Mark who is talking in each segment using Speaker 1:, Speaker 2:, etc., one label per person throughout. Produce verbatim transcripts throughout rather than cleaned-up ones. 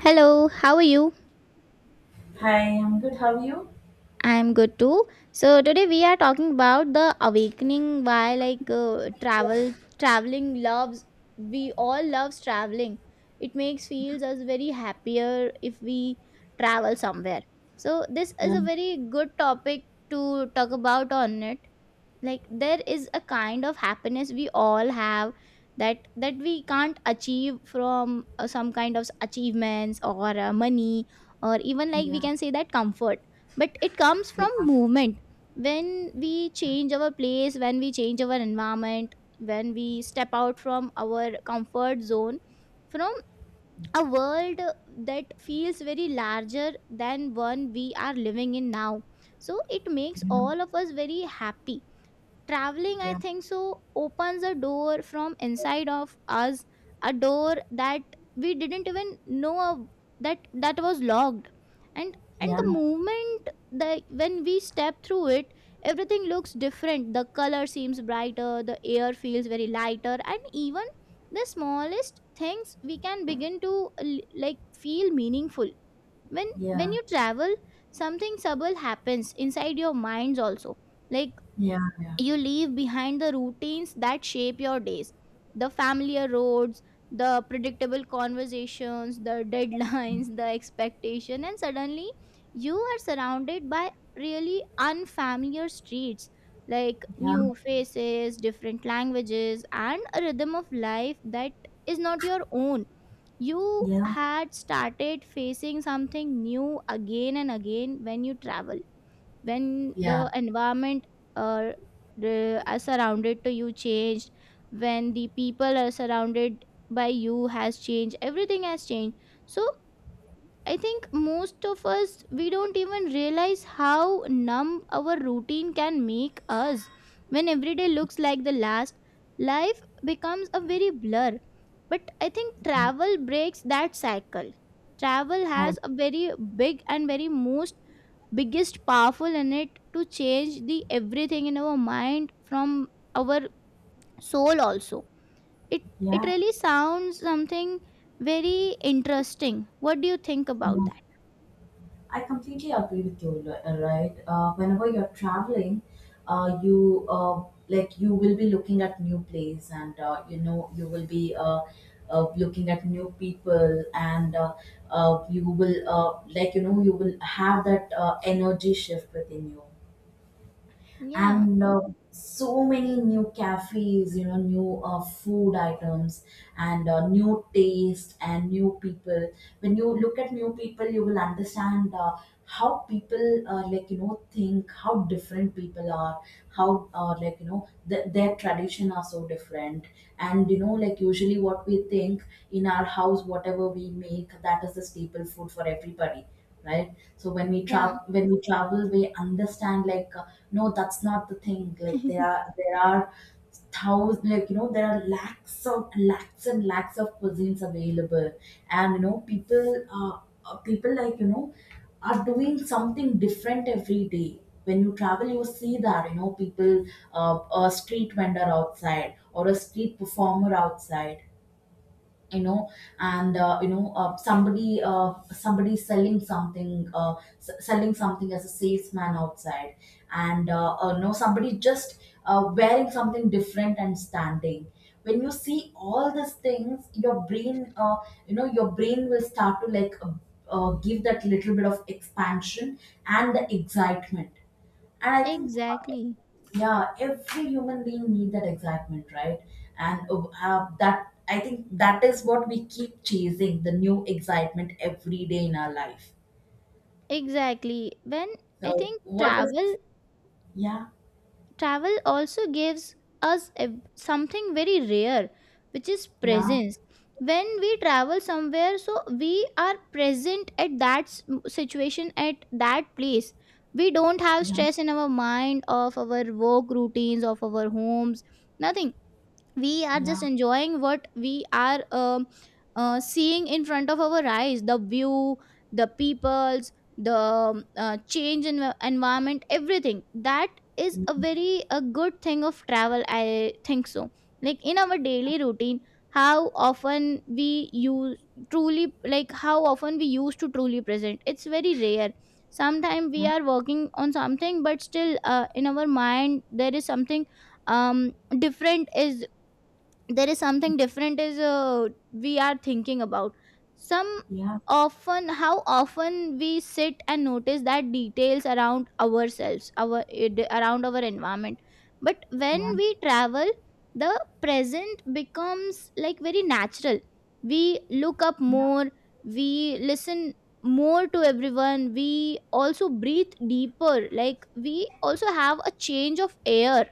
Speaker 1: Hello, how are you?
Speaker 2: Hi, I'm good. How are you?
Speaker 1: I'm good too. So today we are talking about the awakening why like uh, travel traveling loves, we all loves traveling. It makes feels us very happier if we travel somewhere. So this
Speaker 2: Yeah,
Speaker 1: is a very good topic to talk about on it, like there is a kind of happiness we all have that that we can't achieve from uh, some kind of achievements or uh, money, or even like we
Speaker 2: yeah,
Speaker 1: can say that comfort, but it comes from
Speaker 2: yeah,
Speaker 1: movement. When we change our place, when we change our environment, when we step out from our comfort zone, from a world that feels very larger than one we are living in now. So it makes all of us very happy. Traveling, I
Speaker 2: yeah,
Speaker 1: think so, opens a door from inside of us, a door that we didn't even know of- that that was locked. And and
Speaker 2: yeah,
Speaker 1: the moment, the when we step through it, everything looks different, the color seems brighter, the air feels very lighter, and even the smallest things we can begin to l- like feel meaningful. when
Speaker 2: yeah, yeah,
Speaker 1: when
Speaker 2: yeah,
Speaker 1: you travel, something subtle happens inside your minds also, like
Speaker 2: yeah,
Speaker 1: you leave behind the routines that shape your days, the familiar roads, the predictable conversations, the deadlines, the expectation, and suddenly you are surrounded by really unfamiliar streets, like
Speaker 2: yeah,
Speaker 1: new faces, different languages, and a rhythm of life that is not your own. You
Speaker 2: yeah,
Speaker 1: had started facing something new again and again when you travel, when
Speaker 2: yeah.
Speaker 1: the environment, uh, the, are surrounded to you changed, when the people are surrounded by you has changed, everything has changed. So I think most of us we don't even realize how numb our routine can make us. When every day looks like the last, life becomes a very blur. But I think
Speaker 2: yeah,
Speaker 1: travel breaks that cycle. Travel
Speaker 2: I-
Speaker 1: has a very big and very most biggest powerful in it to change the everything in our mind, from our soul also. it it
Speaker 2: yeah,
Speaker 1: really sounds something very interesting. What do you think about
Speaker 2: yeah,
Speaker 1: that?
Speaker 2: I completely agree with you, li- uh, right? Uh, whenever you're traveling, uh, you uh, like you will be looking at new place, and uh, you know you will be uh, uh, looking at new people, and uh, uh, you will uh, like you know you will have that uh, energy shift within you.
Speaker 1: Yeah,
Speaker 2: And uh, so many new cafes, you know new uh, food items, and uh, new taste and new people. When you look at new people, you will understand uh, how people uh, like you know think, how different people are, how uh, like you know th- their tradition are so different. And you know like usually what we think, in our house whatever we make, that is the staple food for everybody, right? So when we travel
Speaker 1: yeah.
Speaker 2: when we travel we understand, like uh, no, that's not the thing. Like there are there are thousands, like you know there are lakhs of lakhs and lakhs of cuisines available. And you know people uh, uh, people like you know are doing something different every day. When you travel, you see that, you know people, uh, a street vendor outside or a street performer outside, you know and uh, you know uh, somebody, uh, somebody selling something, uh, s- selling something as a salesman outside, and uh, uh, you know somebody just uh, wearing something different and standing. When you see all these things, your brain uh, you know your brain will start to like uh, uh, give that little bit of expansion and the excitement. And I think,
Speaker 1: Exactly.
Speaker 2: yeah, every human being need that excitement, right? And uh, have that. I think that is what we keep chasing, the new excitement every day in our life.
Speaker 1: Exactly. When I
Speaker 2: So
Speaker 1: think
Speaker 2: what is,
Speaker 1: travel,
Speaker 2: yeah,
Speaker 1: travel also gives us a- something very rare, which is
Speaker 2: yeah,
Speaker 1: presence. When we travel somewhere, so we are present at that s- situation, at that place. We don't have
Speaker 2: yeah,
Speaker 1: stress in our mind of our work routines, of our homes, nothing. We are
Speaker 2: yeah,
Speaker 1: just enjoying what we are um, uh, seeing in front of our eyes, the view, the peoples, the um, uh, change in the environment, everything, that is a
Speaker 2: mm,
Speaker 1: very a good thing of travel, I think so. Like in our daily routine, how often we use truly, like how often we used to truly present, it's very rare. Sometimes
Speaker 2: yeah,
Speaker 1: we are working on something but still uh, in our mind there is something um different is there is something different is, uh, we are thinking about some.
Speaker 2: yeah,
Speaker 1: Often how often we sit and notice that details around ourselves, our id- around our environment. But when
Speaker 2: yeah,
Speaker 1: we travel, the present becomes like very natural. We look up
Speaker 2: yeah,
Speaker 1: more, we listen more to everyone, we also breathe deeper, like we also have a change of air,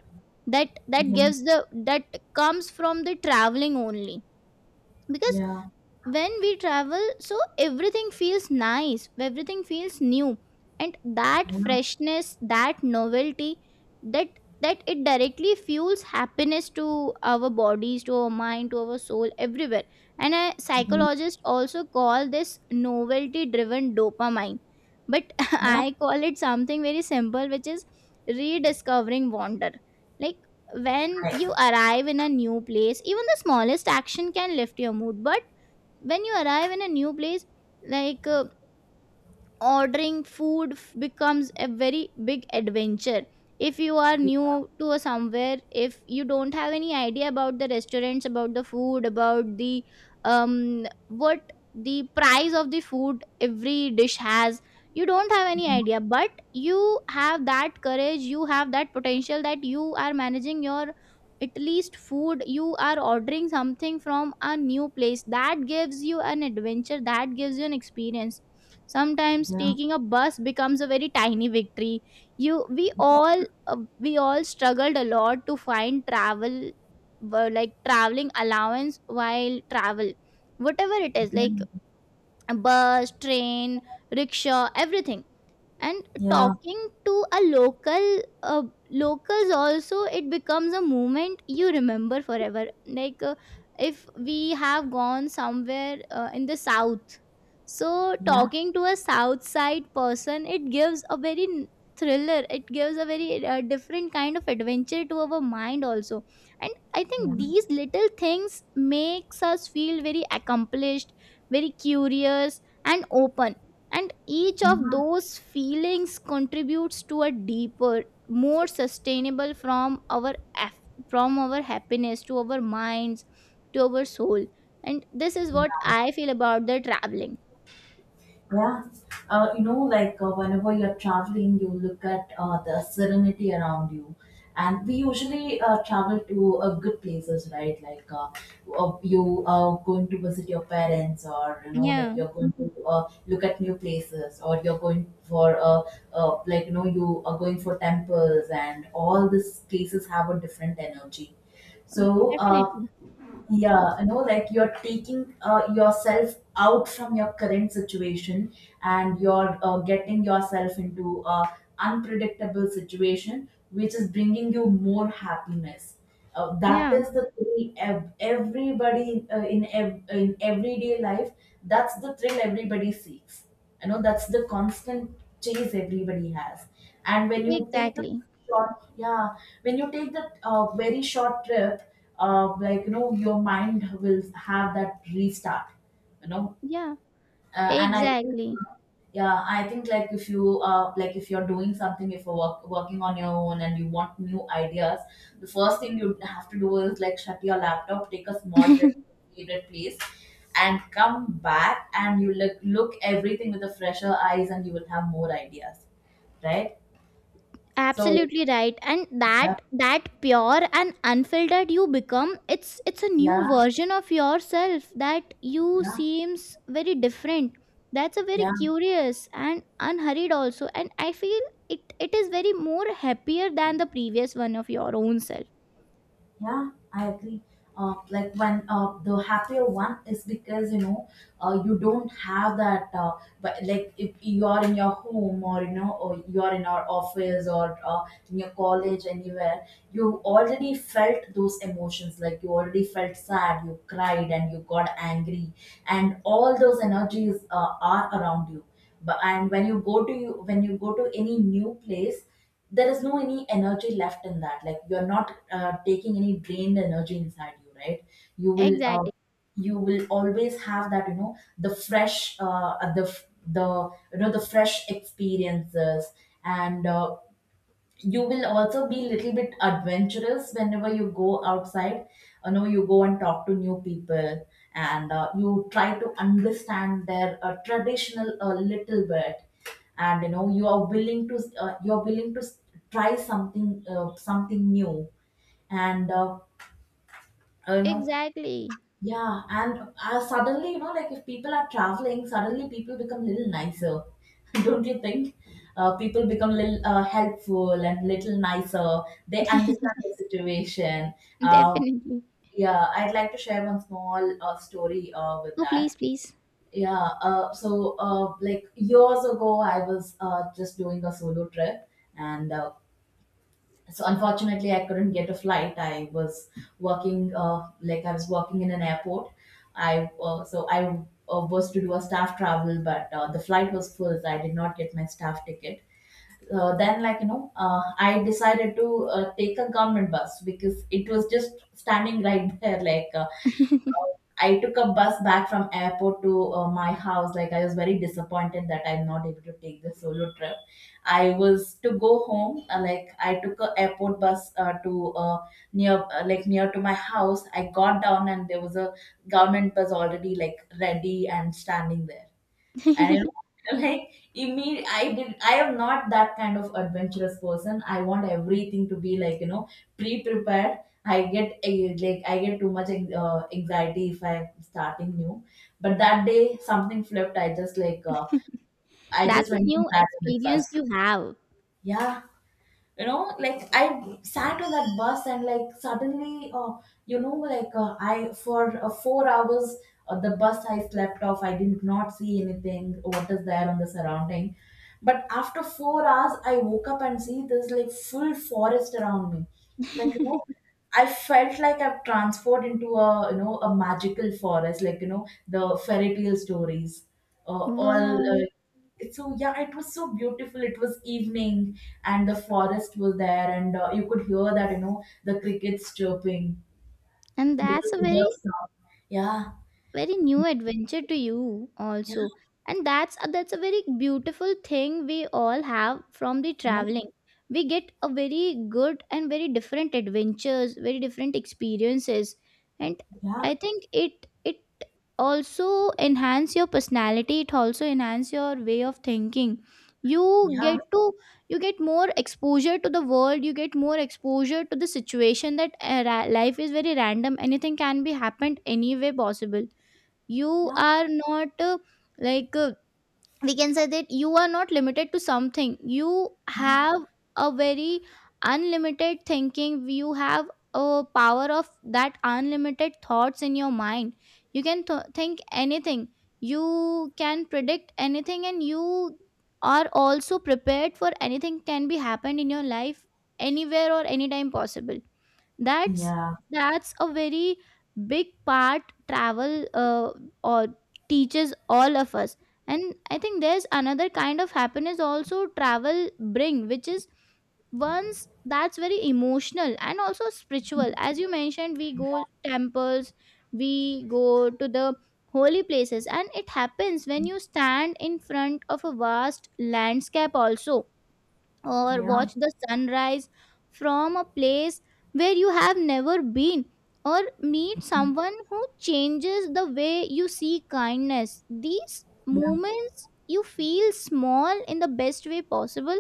Speaker 1: that that
Speaker 2: yeah,
Speaker 1: gives the that comes from the traveling only. Because
Speaker 2: yeah,
Speaker 1: when we travel, so everything feels nice, everything feels new, and that
Speaker 2: yeah,
Speaker 1: freshness, that novelty, that that it directly fuels happiness to our bodies, to our mind, to our soul, everywhere. And a
Speaker 2: yeah,
Speaker 1: psychologist also call this novelty driven dopamine, but
Speaker 2: yeah.
Speaker 1: I call it something very simple, which is rediscovering wonder. Like when
Speaker 2: I
Speaker 1: you
Speaker 2: agree.
Speaker 1: arrive in a new place, even the smallest action can lift your mood. But when you arrive in a new place, like uh, ordering food f- becomes a very big adventure. If you are
Speaker 2: Yeah,
Speaker 1: new to a somewhere, if you don't have any idea about the restaurants, about the food, about the um what the price of the food every dish has, you don't have any
Speaker 2: yeah,
Speaker 1: idea, but you have that courage, you have that potential, that you are managing your at least food, you are ordering something from a new place, that gives you an adventure, that gives you an experience. Sometimes
Speaker 2: yeah,
Speaker 1: taking a bus becomes a very tiny victory. You, we all uh, we all struggled a lot to find travel, uh, like traveling allowance while travel, whatever it is,
Speaker 2: yeah,
Speaker 1: like
Speaker 2: yeah,
Speaker 1: a bus, train, rickshaw, everything. And
Speaker 2: yeah,
Speaker 1: talking to a local, uh, locals also, it becomes a moment you remember forever. Like uh, if we have gone somewhere uh, in the south, so
Speaker 2: yeah,
Speaker 1: talking to a south side person, it gives a very n- thriller, it gives a very uh, different kind of adventure to our mind also. And I think these little things makes us feel very accomplished, very curious and open, and each of
Speaker 2: yeah,
Speaker 1: those feelings contributes to a deeper more sustainable, from our af- from our happiness to our minds, to our soul. And this is what
Speaker 2: yeah.
Speaker 1: I feel about the traveling.
Speaker 2: Yeah. Uh, you know, like uh, whenever you're traveling, you look at uh, the serenity around you. And we usually uh, travel to uh, good places, right? Like uh, uh, you are going to visit your parents, or you know, like
Speaker 1: Yeah,
Speaker 2: you're going to uh, look at new places, or you're going for uh, uh, like you know, you are going for temples, and all these places have a different energy. So, uh,
Speaker 1: definitely.
Speaker 2: yeah, you know like you're taking uh, yourself out from your current situation, and you're uh, getting yourself into a unpredictable situation, which is bringing you more happiness. Uh, that
Speaker 1: Yeah,
Speaker 2: is the thrill ev- everybody uh, in ev- in everyday life. That's the thrill everybody seeks, you know, that's the constant chase everybody has. And when you take the
Speaker 1: exactly.
Speaker 2: short, yeah, when you take that uh, very short trip, uh, like, you know, your mind will have that restart. You know,
Speaker 1: Yeah,
Speaker 2: uh, and I think,
Speaker 1: exactly.
Speaker 2: yeah, I think like if you uh, like if you're doing something, if you're work, working on your own and you want new ideas, the first thing you have to do is like shut your laptop, take a small trip to your favorite place, and come back, and you look look everything with a fresher eyes, and you will have more ideas, right? So
Speaker 1: Absolutely right. And
Speaker 2: yeah,
Speaker 1: that that pure and unfiltered you become, it's it's a new
Speaker 2: yeah,
Speaker 1: version of yourself that you
Speaker 2: yeah,
Speaker 1: seems very different. That's a very
Speaker 2: yeah,
Speaker 1: curious and unhurried also, and I feel it it is very more happier than the previous one of your own self.
Speaker 2: yeah, I agree. Uh, like when uh, the happier one is because you know uh, you don't have that. Uh, but like if you are in your home, or you know, or you are in our office, or uh, in your college, anywhere, you already felt those emotions, like you already felt sad, you cried and you got angry, and all those energies uh, are around you. But and when you go to you when you go to any new place, there is no any energy left in that. Like you're not uh, taking any drained energy inside you, right? You will uh,
Speaker 1: Exactly.
Speaker 2: you will always have that, you know, the fresh uh, uh, the the, you know, the fresh experiences. And uh, you will also be little bit adventurous whenever you go outside you know you go and talk to new people and uh, you try to understand their uh, traditional a little bit and you know you are willing to uh, you are willing to s- try something uh, something new and uh, you know,
Speaker 1: Exactly.
Speaker 2: yeah, and uh, suddenly, you know, like if people are traveling, suddenly people become little nicer, don't you think? Uh, people become little uh, helpful and little nicer. They understand the situation. Um,
Speaker 1: Definitely.
Speaker 2: yeah, I'd like to share one small uh, story uh, with
Speaker 1: Oh,
Speaker 2: that.
Speaker 1: please, please.
Speaker 2: Yeah, uh, so uh, like years ago, I was uh, just doing a solo trip, and uh, so unfortunately I couldn't get a flight. I was working, uh, like I was working in an airport. I uh, so i uh, was to do a staff travel, but uh, the flight was full, so I did not get my staff ticket. Uh, then, like you know uh, I decided to uh, take a government bus, because it was just standing right there, like uh, I took a bus back from airport to uh, my house. Like I was very disappointed that I'm not able to take the solo trip. I was to go home. Uh, like I took a airport bus uh, to uh, near, uh, like near to my house. I got down, and there was a government bus already, like ready and standing there. And you know, like imme- I did I am not that kind of adventurous person. I want everything to be like, you know, pre-prepared. I get eh, like I get too much eh, uh, anxiety if I'm starting new. But that day something flipped. I just like uh, I just
Speaker 1: That's a
Speaker 2: went to
Speaker 1: new
Speaker 2: that and sat on the
Speaker 1: experience
Speaker 2: bus.
Speaker 1: you have.
Speaker 2: Yeah, you know, like I sat on that bus, and like suddenly, uh, you know like uh, I for uh, four hours, uh, the bus, I slept off. I did not see anything what is there on the surrounding, but after four hours I woke up and see there's like full forest around me, like you know. I felt like I've transformed into a, you know, a magical forest, like you know, the fairy tale stories. Uh, all
Speaker 1: Wow.
Speaker 2: uh, So yeah, it was so beautiful. It was evening, and the forest was there, and uh, you could hear that, you know, the crickets chirping
Speaker 1: And that's
Speaker 2: because
Speaker 1: a
Speaker 2: the
Speaker 1: very
Speaker 2: birds song. Yeah,
Speaker 1: very new adventure to you
Speaker 2: yeah,
Speaker 1: also. And that's uh, that's a very beautiful thing we all have from the
Speaker 2: yeah,
Speaker 1: traveling. We get a very good and very different adventures, very different experiences. And
Speaker 2: yeah,
Speaker 1: I think it it also enhance your personality, it also enhance your way of thinking. You
Speaker 2: yeah,
Speaker 1: get to, you get more exposure to the world, you get more exposure to the situation, that uh, ra- life is very random, anything can be happened, any way possible. You
Speaker 2: yeah,
Speaker 1: are not uh, like uh, we can say that you are not limited to something. You have a very unlimited thinking, you have a power of that unlimited thoughts in your mind. You can th- think anything, you can predict anything, and you are also prepared for anything can be happened in your life, anywhere or anytime possible. that's
Speaker 2: yeah,
Speaker 1: that's a very big part travel uh, or teaches all of us. And I think there's another kind of happiness also travel bring, which is once that's very emotional and also spiritual. As you mentioned, we go temples, we go to the holy places, and it happens when you stand in front of a vast landscape also, or
Speaker 2: yeah,
Speaker 1: watch the sunrise from a place where you have never been, or meet someone who changes the way you see kindness. These
Speaker 2: yeah, yeah,
Speaker 1: moments you feel small in the best way possible,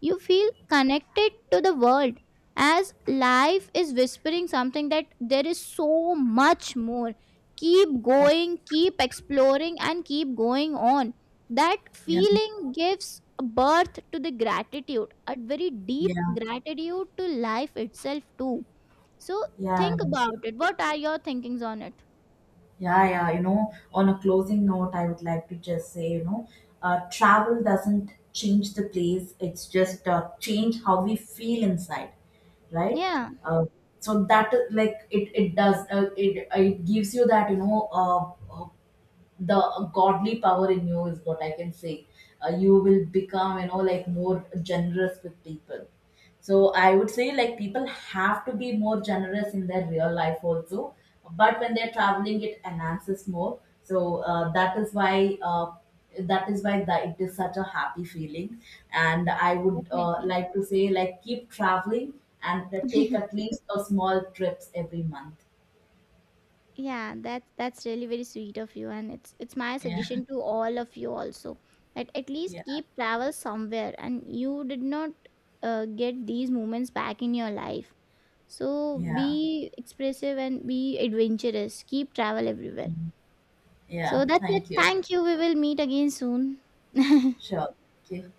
Speaker 1: you feel connected to the world, as life is whispering something, that there is so much more. Keep going, keep exploring, and keep going on. That
Speaker 2: yeah,
Speaker 1: feeling gives birth to the gratitude, a very deep
Speaker 2: yeah.
Speaker 1: gratitude to life itself too. So
Speaker 2: Yeah.
Speaker 1: think about it. What are your thinkings on it?
Speaker 2: Yeah, yeah, you know, on a closing note, I would like to just say, you know, uh, travel doesn't change the place, it's just uh, change how we feel inside, right?
Speaker 1: Yeah.
Speaker 2: Uh, so that uh, like it it does, uh, it it gives you that, you know, uh, uh, the godly power in you, is what I can say. Uh, you will become, you know, like more generous with people. So I would say like people have to be more generous in their real life also, but when they're traveling, it enhances more. So uh, that is why, uh, that is why that it is such a happy feeling. And I would uh,
Speaker 1: Definitely.
Speaker 2: like to say, like keep traveling and take at least a small trips every month.
Speaker 1: Yeah, that's that's really very sweet of you, and it's it's my
Speaker 2: Yeah,
Speaker 1: suggestion to all of you also, that at least
Speaker 2: yeah,
Speaker 1: keep travel somewhere, and you did not uh, get these moments back in your life. So
Speaker 2: yeah,
Speaker 1: be expressive and be adventurous, keep travel everywhere.
Speaker 2: and yeah.
Speaker 1: So that's
Speaker 2: Thank
Speaker 1: it.
Speaker 2: you.
Speaker 1: Thank you. We will meet again soon.
Speaker 2: 是啊，结